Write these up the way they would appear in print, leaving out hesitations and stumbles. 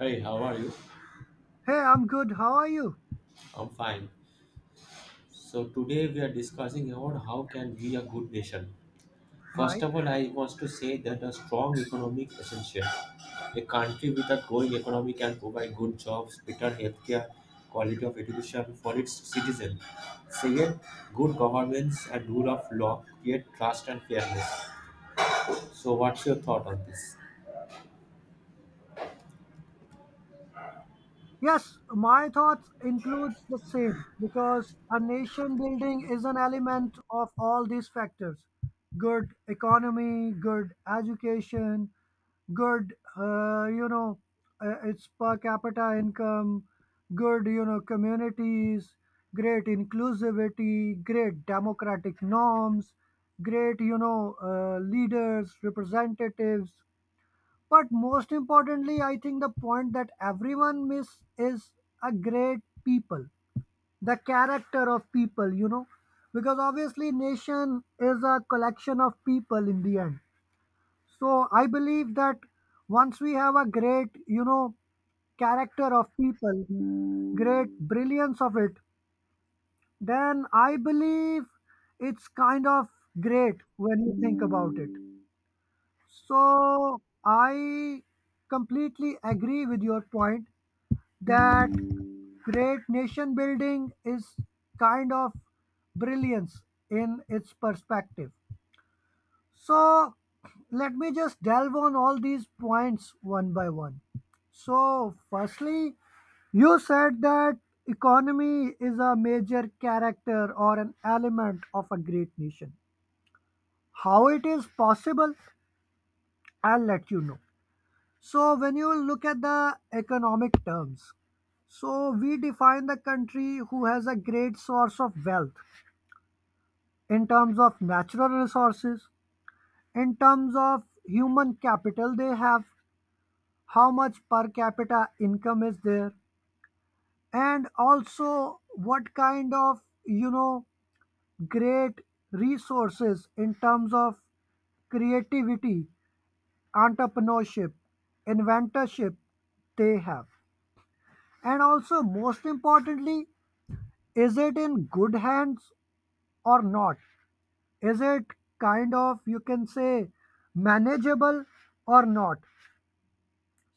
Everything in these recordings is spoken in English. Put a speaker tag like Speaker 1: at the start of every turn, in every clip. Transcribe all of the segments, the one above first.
Speaker 1: Hi, how are you?
Speaker 2: Hey, I'm good. How are you?
Speaker 1: I'm fine. So today we are discussing about how can be a good nation. First
Speaker 2: Right?
Speaker 1: of all, I want to say that a strong economic essential. A country with a growing economy can provide good jobs, better healthcare, quality of education for its citizens. Second, good governance and rule of law create trust and fairness. So what's your thought on this?
Speaker 2: Yes, my thoughts includes the same because a nation building is an element of all these factors. Good economy, good education, good its per capita income, good communities, great inclusivity, great democratic norms, great leaders, representatives. But most importantly, I think the point that everyone miss is a great people, the character of people, because obviously nation is a collection of people in the end. So I believe that once we have a great, character of people, great brilliance of it, then I believe it's kind of great when you think about it. So I completely agree with your point that great nation building is kind of brilliance in its perspective. So let me just delve on all these points one by one. So firstly, you said that economy is a major character or an element of a great nation. How it is possible, I'll let you know. So when you look at the economic terms, so we define the country who has a great source of wealth in terms of natural resources, in terms of human capital they have, how much per capita income is there, and also what kind of, you know, great resources in terms of creativity, entrepreneurship, inventorship they have. And also, most importantly, is it in good hands or not? Is it kind of, you can say, manageable or not?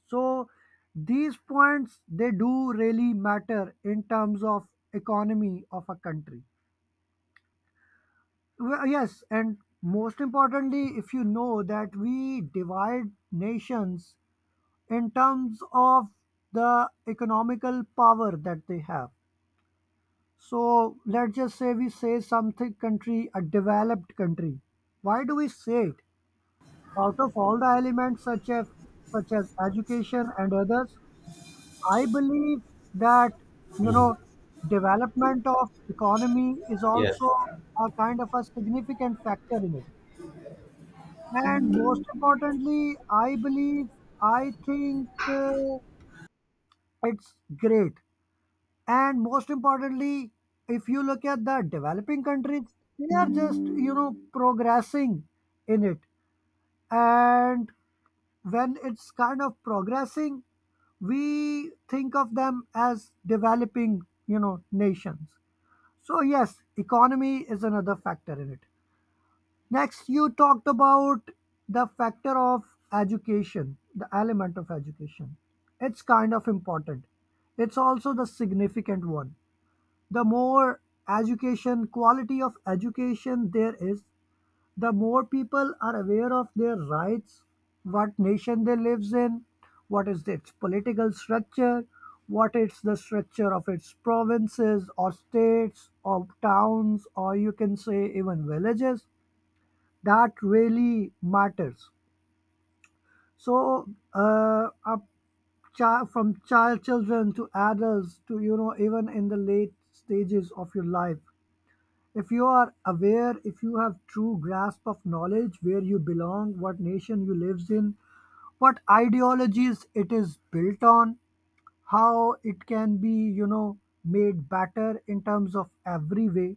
Speaker 2: So these points they do really matter in terms of economy of a country. Well, yes, and most importantly, if you know that we divide nations in terms of the economical power that they have. So let's just say we say something country, a developed country. Why do we say it? Out of all the elements such as education and others, I believe that you
Speaker 1: Hmm.
Speaker 2: know development of economy is
Speaker 1: Yes.
Speaker 2: also a kind of a significant factor in it. And most importantly, I believe I think it's great, and most importantly, if you look at the developing countries, they are just progressing in it, and when it's kind of progressing, we think of them as developing, nations. So yes, economy is another factor in it. Next you talked about the factor of education, the element of education. It's kind of important, it's also the significant one. The more education, quality of education there is, the more people are aware of their rights, what nation they lives in, what is its political structure, what is the structure of its provinces or states or towns or you can say even villages, that really matters. So up child from child children to adults to even in the late stages of your life, if you are aware, if you have true grasp of knowledge, where you belong, what nation you lives in, what ideologies it is built on, how it can be, made better in terms of every way,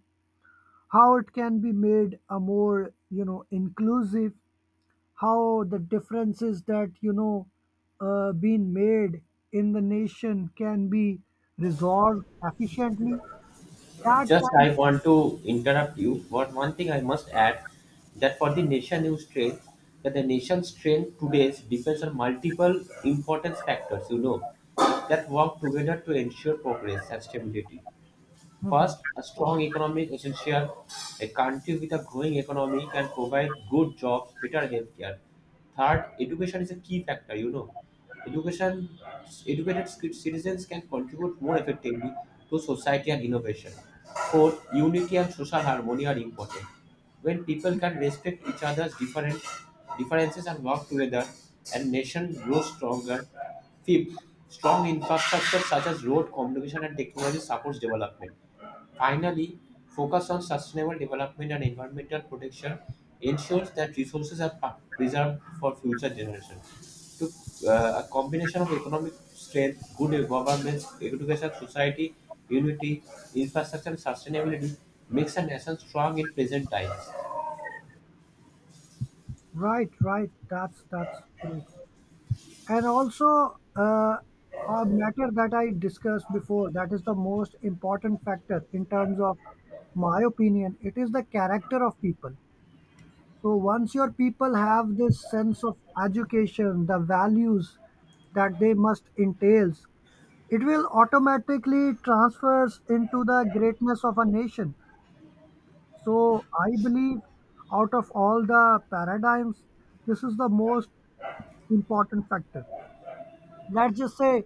Speaker 2: how it can be made a more, inclusive, how the differences that been made in the nation can be resolved efficiently. That
Speaker 1: Just
Speaker 2: kind.
Speaker 1: I want to interrupt you. But one thing I must add that for the nation news strength, that the nation's strength today depends on multiple important factors, that work together to ensure progress and stability. First, a strong economy is essential. A country with a growing economy can provide good jobs, better healthcare. Third, education is a key factor. Education, educated citizens can contribute more effectively to society and innovation. Fourth, unity and social harmony are important. When people can respect each other's different differences and work together, a nation grows stronger. Fifth, strong infrastructure such as road, communication, and technology supports development. Finally, focus on sustainable development and environmental protection ensures that resources are preserved for future generations. To, a combination of economic strength, good governance, education, society, unity, infrastructure, and sustainability makes a nation strong in present times.
Speaker 2: Right, right. That's great. And also a matter that I discussed before, that is the most important factor in terms of my opinion: it is the character of people. So once your people have this sense of education, the values that they must entails, it will automatically transfers into the greatness of a nation. So I believe out of all the paradigms, this is the most important factor. Let's just say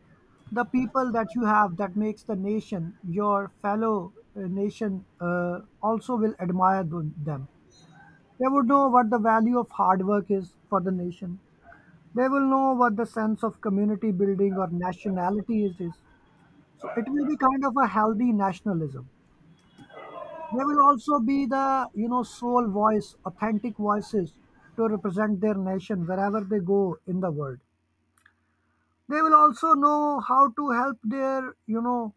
Speaker 2: the people that you have that makes the nation, your fellow nation also will admire them. They would know what the value of hard work is for the nation. They will know what the sense of community building or nationality it is. So it will be kind of a healthy nationalism. They will also be the sole voice, authentic voices to represent their nation wherever they go in the world. They will also know how to help their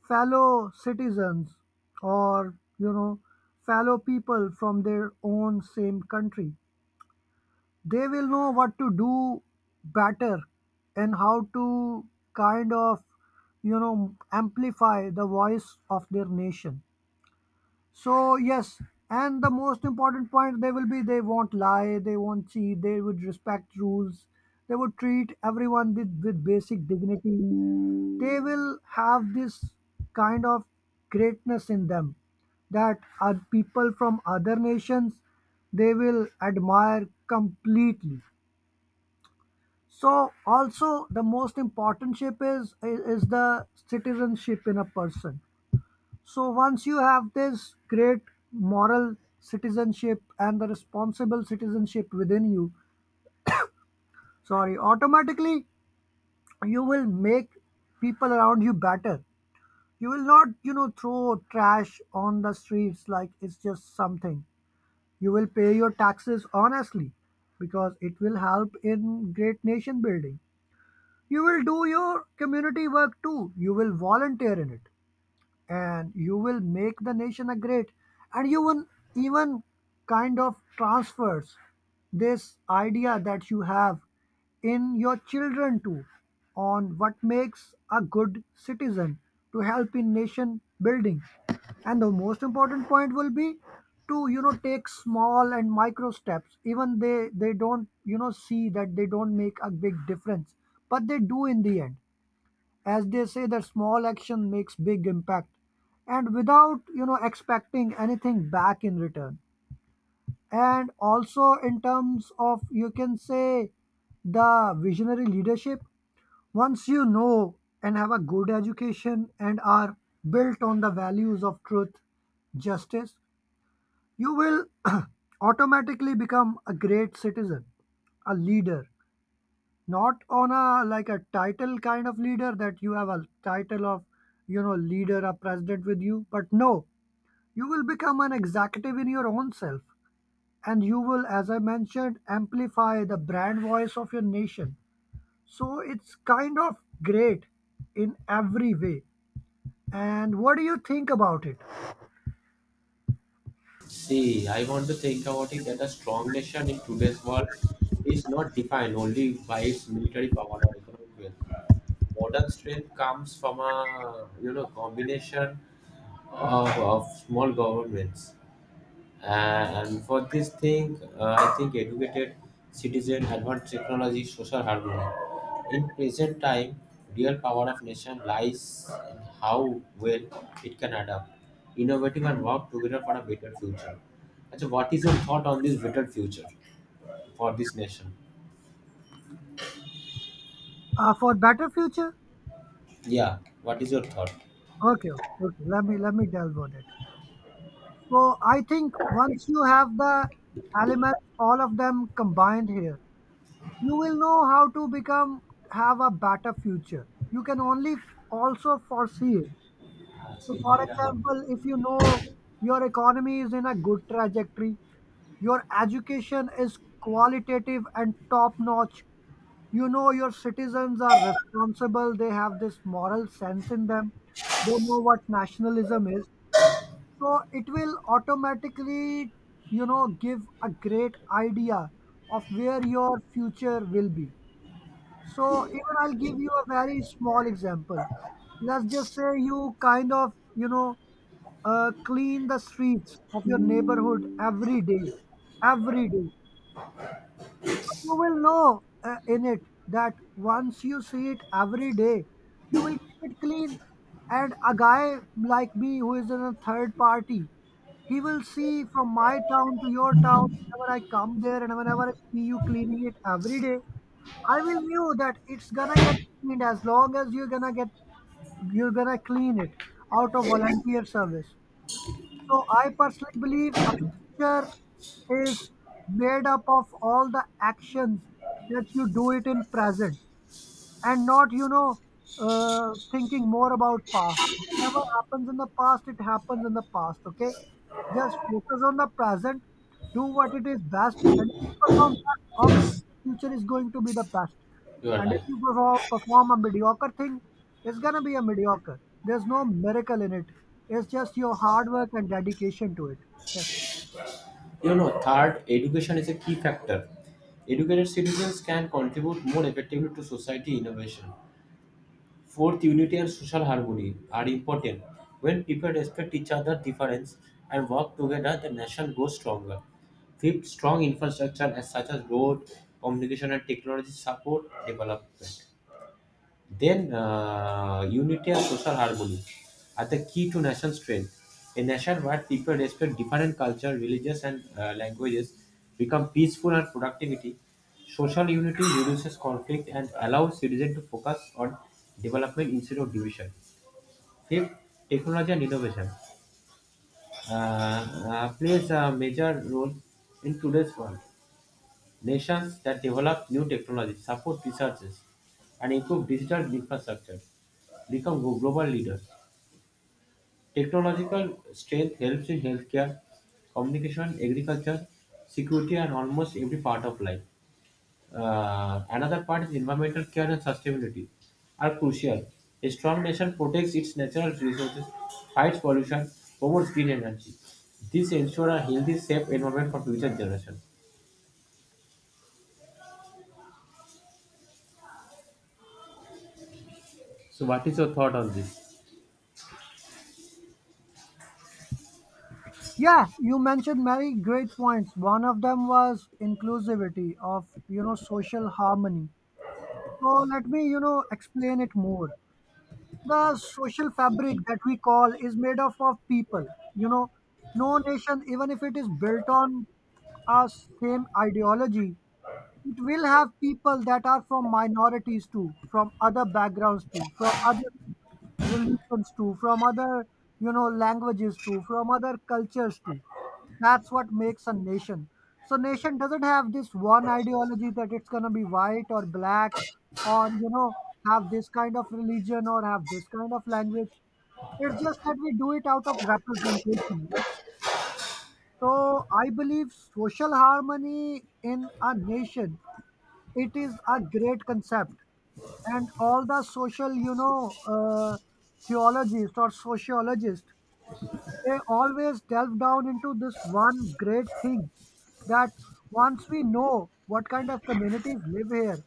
Speaker 2: fellow citizens or fellow people from their own same country. They will know what to do better and how to kind of amplify the voice of their nation. So yes, and the most important point, they will be, they won't lie, they won't cheat, they would respect rules, they would treat everyone with basic dignity. They will have this kind of greatness in them that are people from other nations they will admire completely. So also the most important ship is the citizenship in a person. So once you have this great moral citizenship and the responsible citizenship within you, sorry, automatically you will make people around you better. You will not throw trash on the streets like it's just something. You will pay your taxes honestly because it will help in great nation building. You will do your community work too. You will volunteer in it. And you will make the nation a great, and you will even kind of transfers this idea that you have in your children too, on what makes a good citizen to help in nation building. And the most important point will be to take small and micro steps even they don't see, that they don't make a big difference, but they do in the end, as they say that small action makes big impact, and without expecting anything back in return. And also in terms of you can say the visionary leadership, once you know and have a good education and are built on the values of truth, justice, you will automatically become a great citizen, a leader, not on a like a title kind of leader that you have a title of, leader, a president with you, but no, you will become an executive in your own self, and you will, as I mentioned, amplify the brand voice of your nation. So it's kind of great in every way. And what do you think about it?
Speaker 1: See, I want to think about it that a strong nation in today's world is not defined only by its military power or economic wealth. Modern strength comes from a combination of small governments. Uh, and for this thing, I think educated citizen, advanced technology, social harmony. In present time, real power of nation lies in how well it can adapt, innovative, and work together for a better future. So, what is your thought on this better future for this nation?
Speaker 2: For better future.
Speaker 1: Yeah, what is your thought?
Speaker 2: Okay, okay, okay. Let me delve on it. So I think once you have the elements all of them combined here, you will know how to become, have a better future. You can only also foresee it. So for
Speaker 1: You
Speaker 2: example, if you know your economy is in a good trajectory, your education is qualitative and top notch, you know your citizens are responsible, they have this moral sense in them, they know what nationalism is, so it will automatically give a great idea of where your future will be. So even I'll give you a very small example. Let's just say you kind of, clean the streets of your neighborhood every day, every day. You will know in it that once you see it every day, you will keep it clean. And a guy like me who is in a third party, he will see from my town to your town whenever I come there and whenever I see you cleaning it every day. I will knew that it's gonna get cleaned as long as you're gonna clean it out of volunteer service. So I personally believe a picture is made up of all the actions that you do it in present, and not thinking more about past. Whatever happens in the past, it happens in the past, okay. Just focus on the present. Do what it is best, and if you perform best, obviously the future is going to be the best.
Speaker 1: are
Speaker 2: And if
Speaker 1: right.
Speaker 2: you perform a mediocre thing, it's going to be a mediocre. There's no miracle in it. It's just your hard work and dedication to it. Yes.
Speaker 1: Third, education is a key factor. Educated citizens can contribute more effectively to society innovation. Fourth, unity and social harmony are important. When people respect each other's difference and work together, the nation grows stronger. Fifth, strong infrastructure as such as road, communication, and technology support development. Then, unity and social harmony are the key to nation strength. A nation where people respect different culture, religious, and languages become peaceful and productivity. Social unity reduces conflict and allows citizens to focus on development instead of division. Fifth, technology and innovation plays a major role in today's world. Nations that develop new technology support researches and improve digital infrastructure become global leaders. Technological strength helps in healthcare, communication, agriculture, security, and almost every part of life. Another part is environmental care and sustainability are crucial. A strong nation protects its natural resources, fights pollution, promotes green energy. This ensures a healthy, safe environment for future generations. So, what is your thought on this?
Speaker 2: Yeah, you mentioned many great points. One of them was inclusivity of social harmony. So let me, explain it more. The social fabric that we call is made up of people. You know, no nation, even if it is built on a same ideology, it will have people that are from minorities too, from other backgrounds too, from other religions too, from other, languages too, from other cultures too. That's what makes a nation. So nation doesn't have this one ideology that it's gonna be white or black, or have this kind of religion or have this kind of language. It's just that we do it out of representation. Right? So I believe social harmony in a nation, it is a great concept, and all the social theologists or sociologists, they always delve down into this one great thing that once we know what kind of communities live here,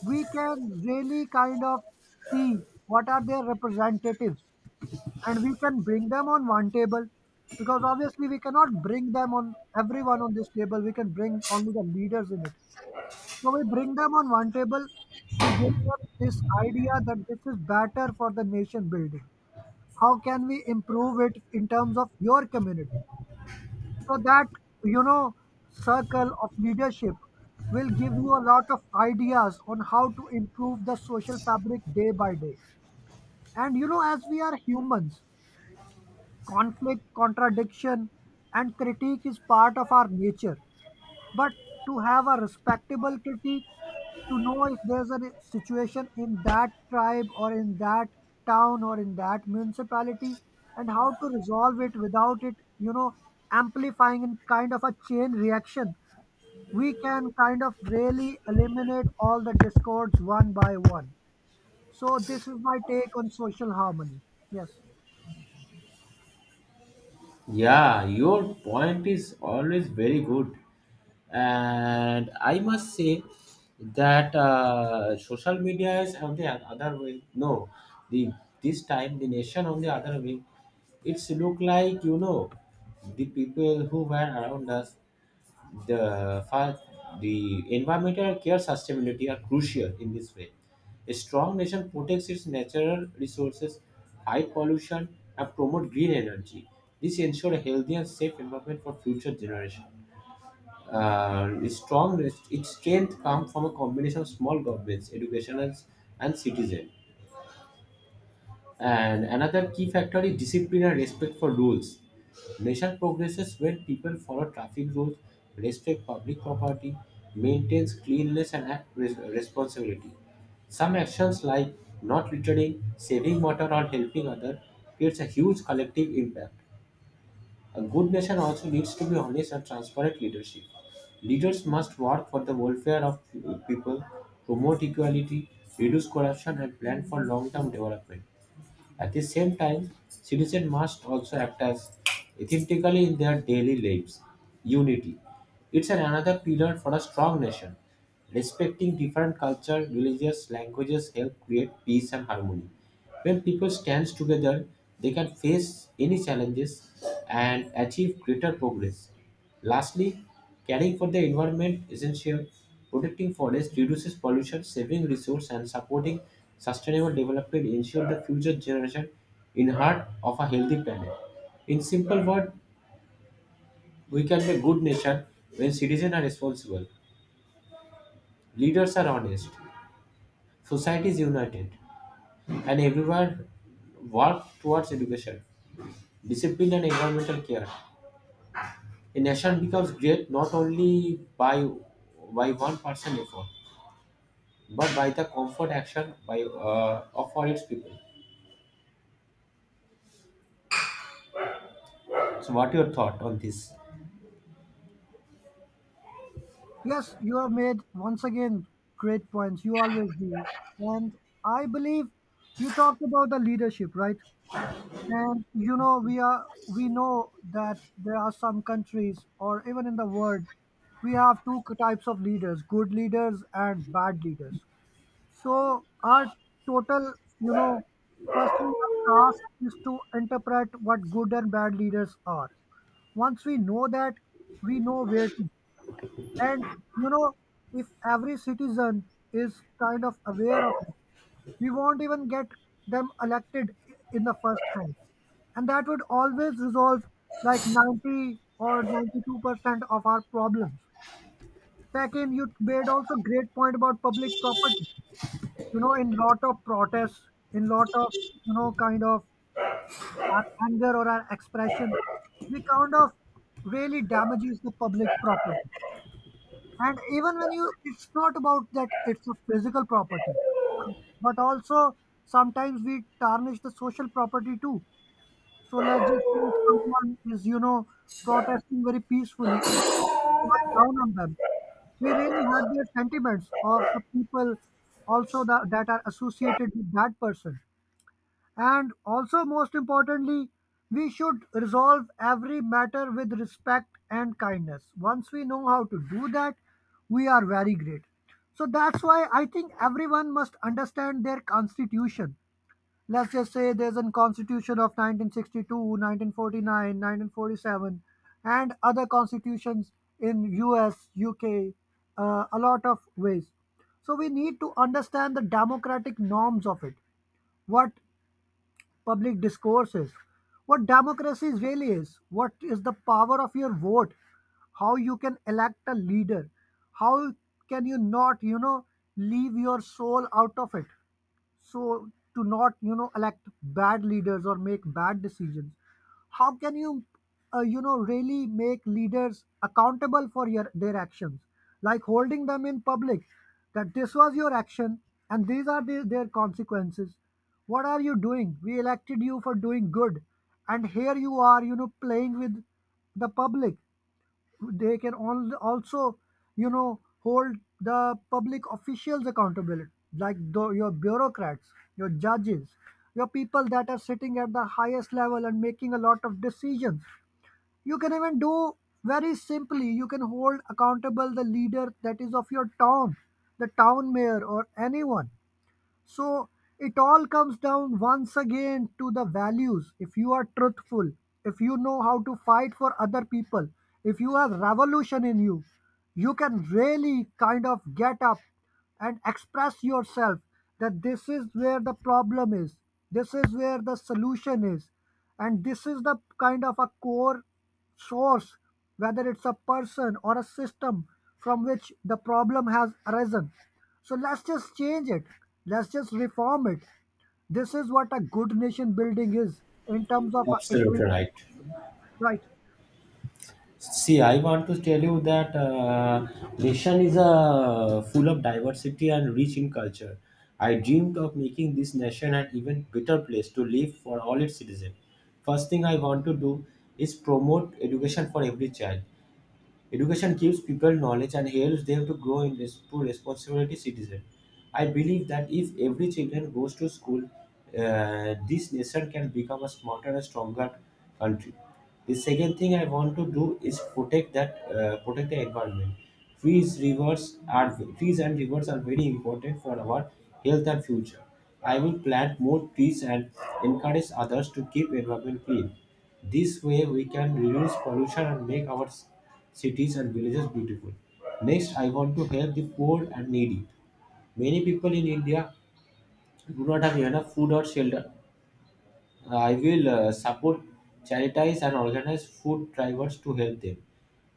Speaker 2: we can really kind of see what are their representatives, and we can bring them on one table. Because obviously we cannot bring them on everyone on this table, we can bring only the leaders in it. So we bring them on one table. We give them this idea that this is better for the nation building. How can we improve it in terms of your community? So that, you know, circle of leadership will give you a lot of ideas on how to improve the social fabric day by day. And, you know, as we are humans, conflict, contradiction, and critique is part of our nature. But to have a respectable critique, to know if there's a situation in that tribe or in that town or in that municipality, and how to resolve it, without it amplifying in kind of a chain reaction, we can kind of really eliminate all the discords one by one. So, this is my take on social harmony. Yes.
Speaker 1: Yeah, your point is always very good. And I must say that social media is on the other way. No, the this time the nation on the other way. It's look like the people who were around us. The fa- the environmental care sustainability are crucial in this way. A strong nation protects its natural resources, fight pollution, and promote green energy. This ensures a healthy and safe environment for future generations. Its strength comes from a combination of small governments, educationals, and citizens. And another key factor is discipline and respect for rules. Nation progresses when people follow traffic rules, respect public property, maintains cleanliness and act with responsibility. Some actions like not littering, saving water or helping others creates a huge collective impact. A good nation also needs to be honest and transparent leadership. Leaders must work for the welfare of people, promote equality, reduce corruption and plan for long-term development. At the same time, citizens must also act as ethically in their daily lives. Unity. It's an another pillar for a strong nation. Respecting different cultures, religious languages help create peace and harmony. When people stand together, they can face any challenges and achieve greater progress. Lastly, caring for the environment is essential. Protecting forests reduces pollution, saving resources, and supporting sustainable development ensure the future generation inherit of a healthy planet. In simple words, we can be good nation when citizens are responsible, leaders are honest, society is united, and everyone work towards education, discipline, and environmental care. A nation becomes great not only by one person effort but by the comfort action by of all its people. So, what your thought on this?
Speaker 2: Yes, you have made once again great points. You always do. And I believe you talked about the leadership, right? And you know, we know that there are some countries or even in the world, we have types of leaders, good leaders and bad leaders. So our total, you know, firstly our task is to interpret what good and bad leaders are. Once we know that, we know where to, and, you know, if every citizen is kind of aware of it, we won't even get them elected in the first hand. And that would always resolve like 90 or 92% of our problems. Second, you made also great point about public property. You know, in lot of protests, in lot of, you know, kind of our anger or our expression, we kind of really damages the public property. And even when you, it's not about that it's a physical property, but also sometimes we tarnish the social property too. So let's just say someone is, you know, protesting very peacefully and we are down on them, we really hurt their sentiments of the people also that are associated with that person. And also, most importantly, we should resolve every matter with respect and kindness. Once we know how to do that, we are very great. So that's why I think everyone must understand their constitution. Let's just say there's a constitution of 1962, 1949, 1947, and other constitutions in US, UK, a lot of ways. So we need to understand the democratic norms of it. What public discourses, what democracy really is, what is the power of your vote, how you can elect a leader, how can you not, you know, leave your soul out of it, so to not, you know, elect bad leaders or make bad decisions. How can you you know, really make leaders accountable for your their actions, like holding them in public that this was your action and these are their consequences. What are you doing? We elected you for doing good, and here you are, you know, playing with the public. They can also, you know, hold the public officials accountable, like your bureaucrats, your judges, your people that are sitting at the highest level and making a lot of decisions. You can even do very simply, you can hold accountable the leader that is of your town, the town mayor or anyone. So it all comes down once again to the values. If you are truthful, if you know how to fight for other people, if you have revolution in you, you can really kind of get up and express yourself, that this is where the problem is, this is where the solution is, and this is the kind of a core source, whether it's a person or a system, from which the problem has arisen. So let's just change it, let's just reform it. This is what a good nation building is, in terms of,
Speaker 1: Absolutely right.
Speaker 2: right.
Speaker 1: See, I want to tell you that nation is full of diversity and rich in culture. I dreamed of making this nation an even better place to live for all its citizens. First thing I want to do is promote education for every child. Education gives people knowledge and helps them to grow into responsibility citizen. I believe that if every children goes to school, this nation can become a smarter and stronger country. The second thing I want to do is protect the environment. Trees, rivers are trees and rivers are very important for our health and future. I will plant more trees and encourage others to keep environment clean. This way we can reduce pollution and make our cities and villages beautiful. Next, I want to help the poor and needy. Many people in India do not have enough food or shelter. I will support charities and organize food drivers to help them.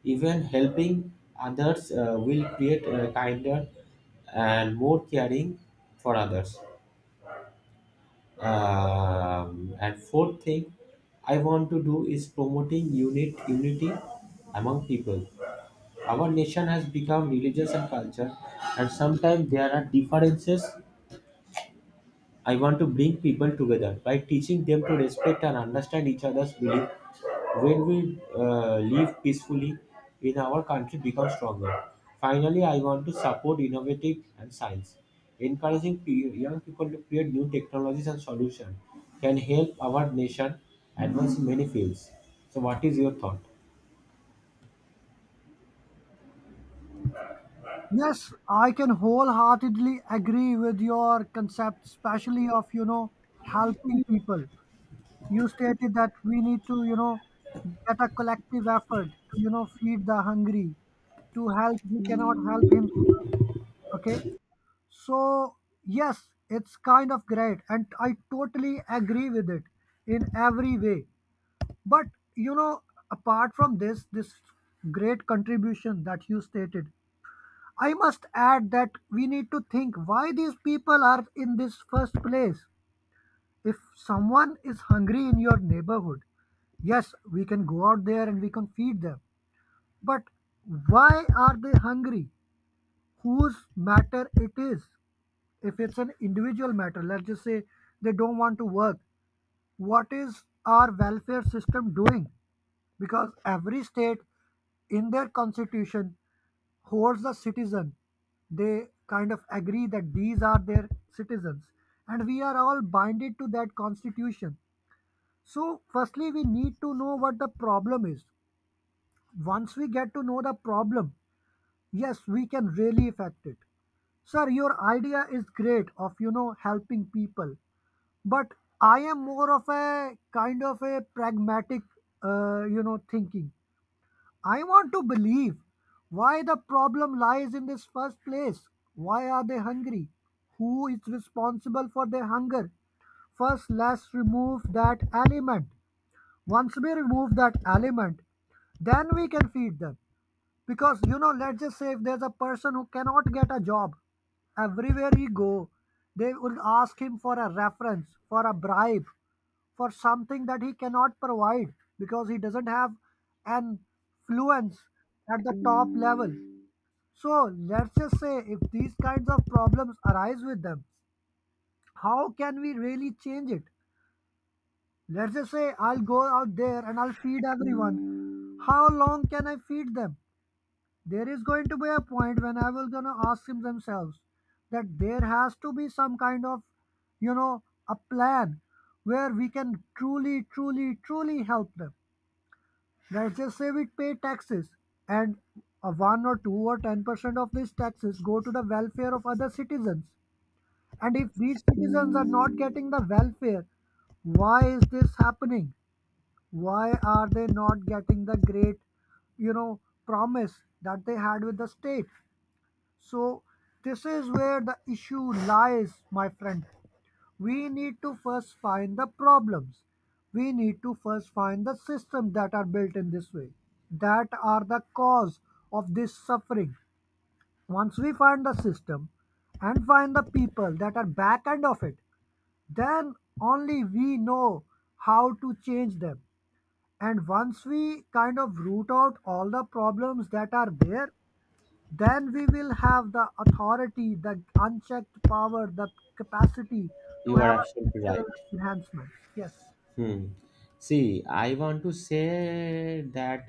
Speaker 1: Even helping others will create a kinder and more caring for others. And fourth thing I want to do is promoting unity among people. Our nation has become religious and culture, and sometimes there are differences. I want to bring people together by teaching them to respect and understand each other's belief. When we live peacefully in our country, becomes stronger. Finally, I want to support innovative and science. Encouraging young people to create new technologies and solutions can help our nation advance in many fields. So, what is your thought?
Speaker 2: Yes, I can wholeheartedly agree with your concept, especially of, you know, helping people. You stated that we need to, you know, get a collective effort to, you know, feed the hungry, to help who cannot help himself. Okay. So, yes, it's kind of great. And I totally agree with it in every way. But, you know, apart from this great contribution that you stated, I must add that we need to think why these people are in this first place. If someone is hungry in your neighborhood, yes, we can go out there and we can feed them. But why are they hungry? Whose matter it is? If it's an individual matter, let's just say they don't want to work, what is our welfare system doing? Because every state in their constitution holds the citizen. They kind of agree that these are their citizens, and we are all binded to that constitution. So, firstly, we need to know what the problem is. Once we get to know the problem, yes, we can really affect it. Sir, your idea is great of, you know, helping people, but I am more of a kind of a pragmatic, you know, thinking. I want to believe why the problem lies in this first place. Why are they hungry? Who is responsible for their hunger? First, let's remove that element. Once we remove that element, then we can feed them. Because, you know, let's just say if there's a person who cannot get a job, everywhere he go, they will ask him for a reference, for a bribe, for something that he cannot provide because he doesn't have an fluence at the top level. So let's just say if these kinds of problems arise with them, how can we really change it? Let's just say I'll go out there and I'll feed everyone. How long can I feed them? There is going to be a point when I will gonna ask them themselves that there has to be some kind of, you know, a plan where we can truly, truly, truly help them. Let's just say we pay taxes and a 1 or 2 or 10% of these taxes go to the welfare of other citizens. And if these citizens are not getting the welfare, why is this happening? Why are they not getting the great, you know, promise that they had with the state? So this is where the issue lies, my friend. We need to first find the problems, we need to first find the systems that are built in this way that are the cause of this suffering. Once we find the system and find the people that are back end of it, then only we know how to change them. And once we kind of root out all the problems that are there, then we will have the authority, the unchecked power, the capacity to
Speaker 1: You are
Speaker 2: have a
Speaker 1: absolutely
Speaker 2: structural
Speaker 1: right.
Speaker 2: enhancement. Yes.
Speaker 1: Hmm. See, I want to say that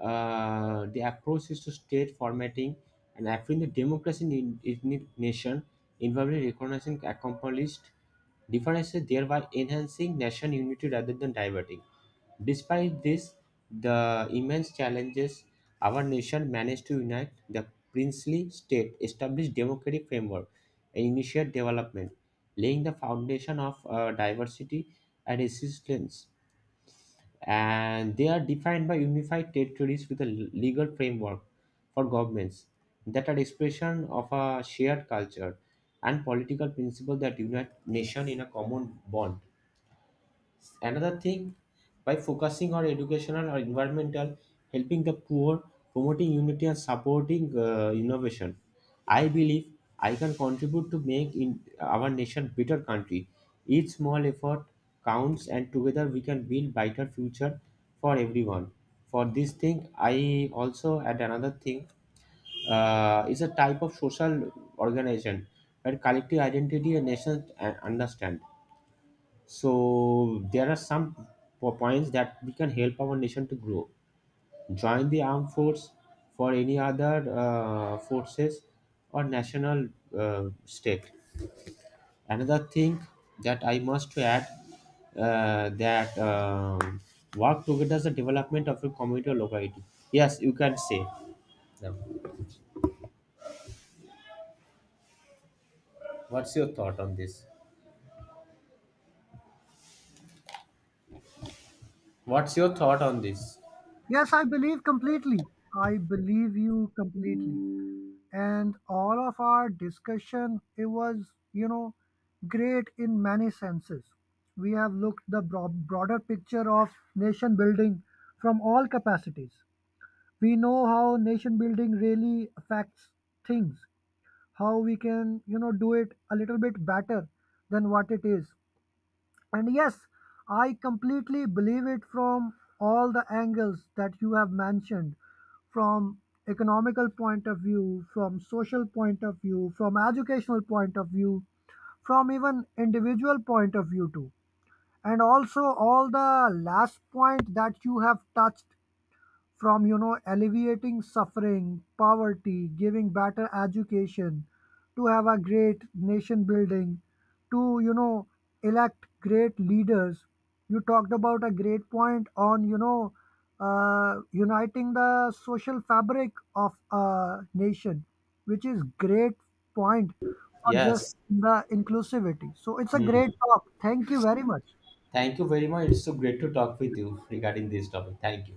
Speaker 1: the approach is to state formatting and affirming the democracy in the nation, involving recognizing accomplished differences, thereby enhancing nation unity rather than diverting. Despite this, the immense challenges, our nation managed to unite the princely state, establish democratic framework, and initiate development, laying the foundation of diversity and resistance. And they are defined by unified territories with a legal framework for governments that are expression of a shared culture and political principle that unite nation in a common bond. Another thing, by focusing on educational or environmental, helping the poor, promoting unity, and supporting innovation, I believe I can contribute to make in our nation better country. Each small effort counts, and together we can build brighter future for everyone. For this thing, I also add another thing. Is a type of social organization where collective identity and nations understand. So there are some points that we can help our nation to grow. Join the armed force for any other forces or national stake. Another thing that I must add that work together is the development of a community or locality. Yes, you can say. Now, what's your thought on this? What's your thought on this?
Speaker 2: Yes, I believe completely. I believe you completely. And all of our discussion, it was, you know, great in many senses. We have looked the broader picture of nation building from all capacities. We know how nation building really affects things, how we can, you know, do it a little bit better than what it is. And yes, I completely believe it from all the angles that you have mentioned, from economical point of view, from social point of view, from educational point of view, from even individual point of view too. And also all the last point that you have touched, from, you know, alleviating suffering, poverty, giving better education, to have a great nation building, to, you know, elect great leaders. You talked about a great point on, you know, uniting the social fabric of a nation, which is great point, not just
Speaker 1: Yes.
Speaker 2: the inclusivity. So it's a
Speaker 1: Hmm.
Speaker 2: great talk, thank you very much.
Speaker 1: Thank you very much. It's so great to talk with you regarding this topic. Thank you.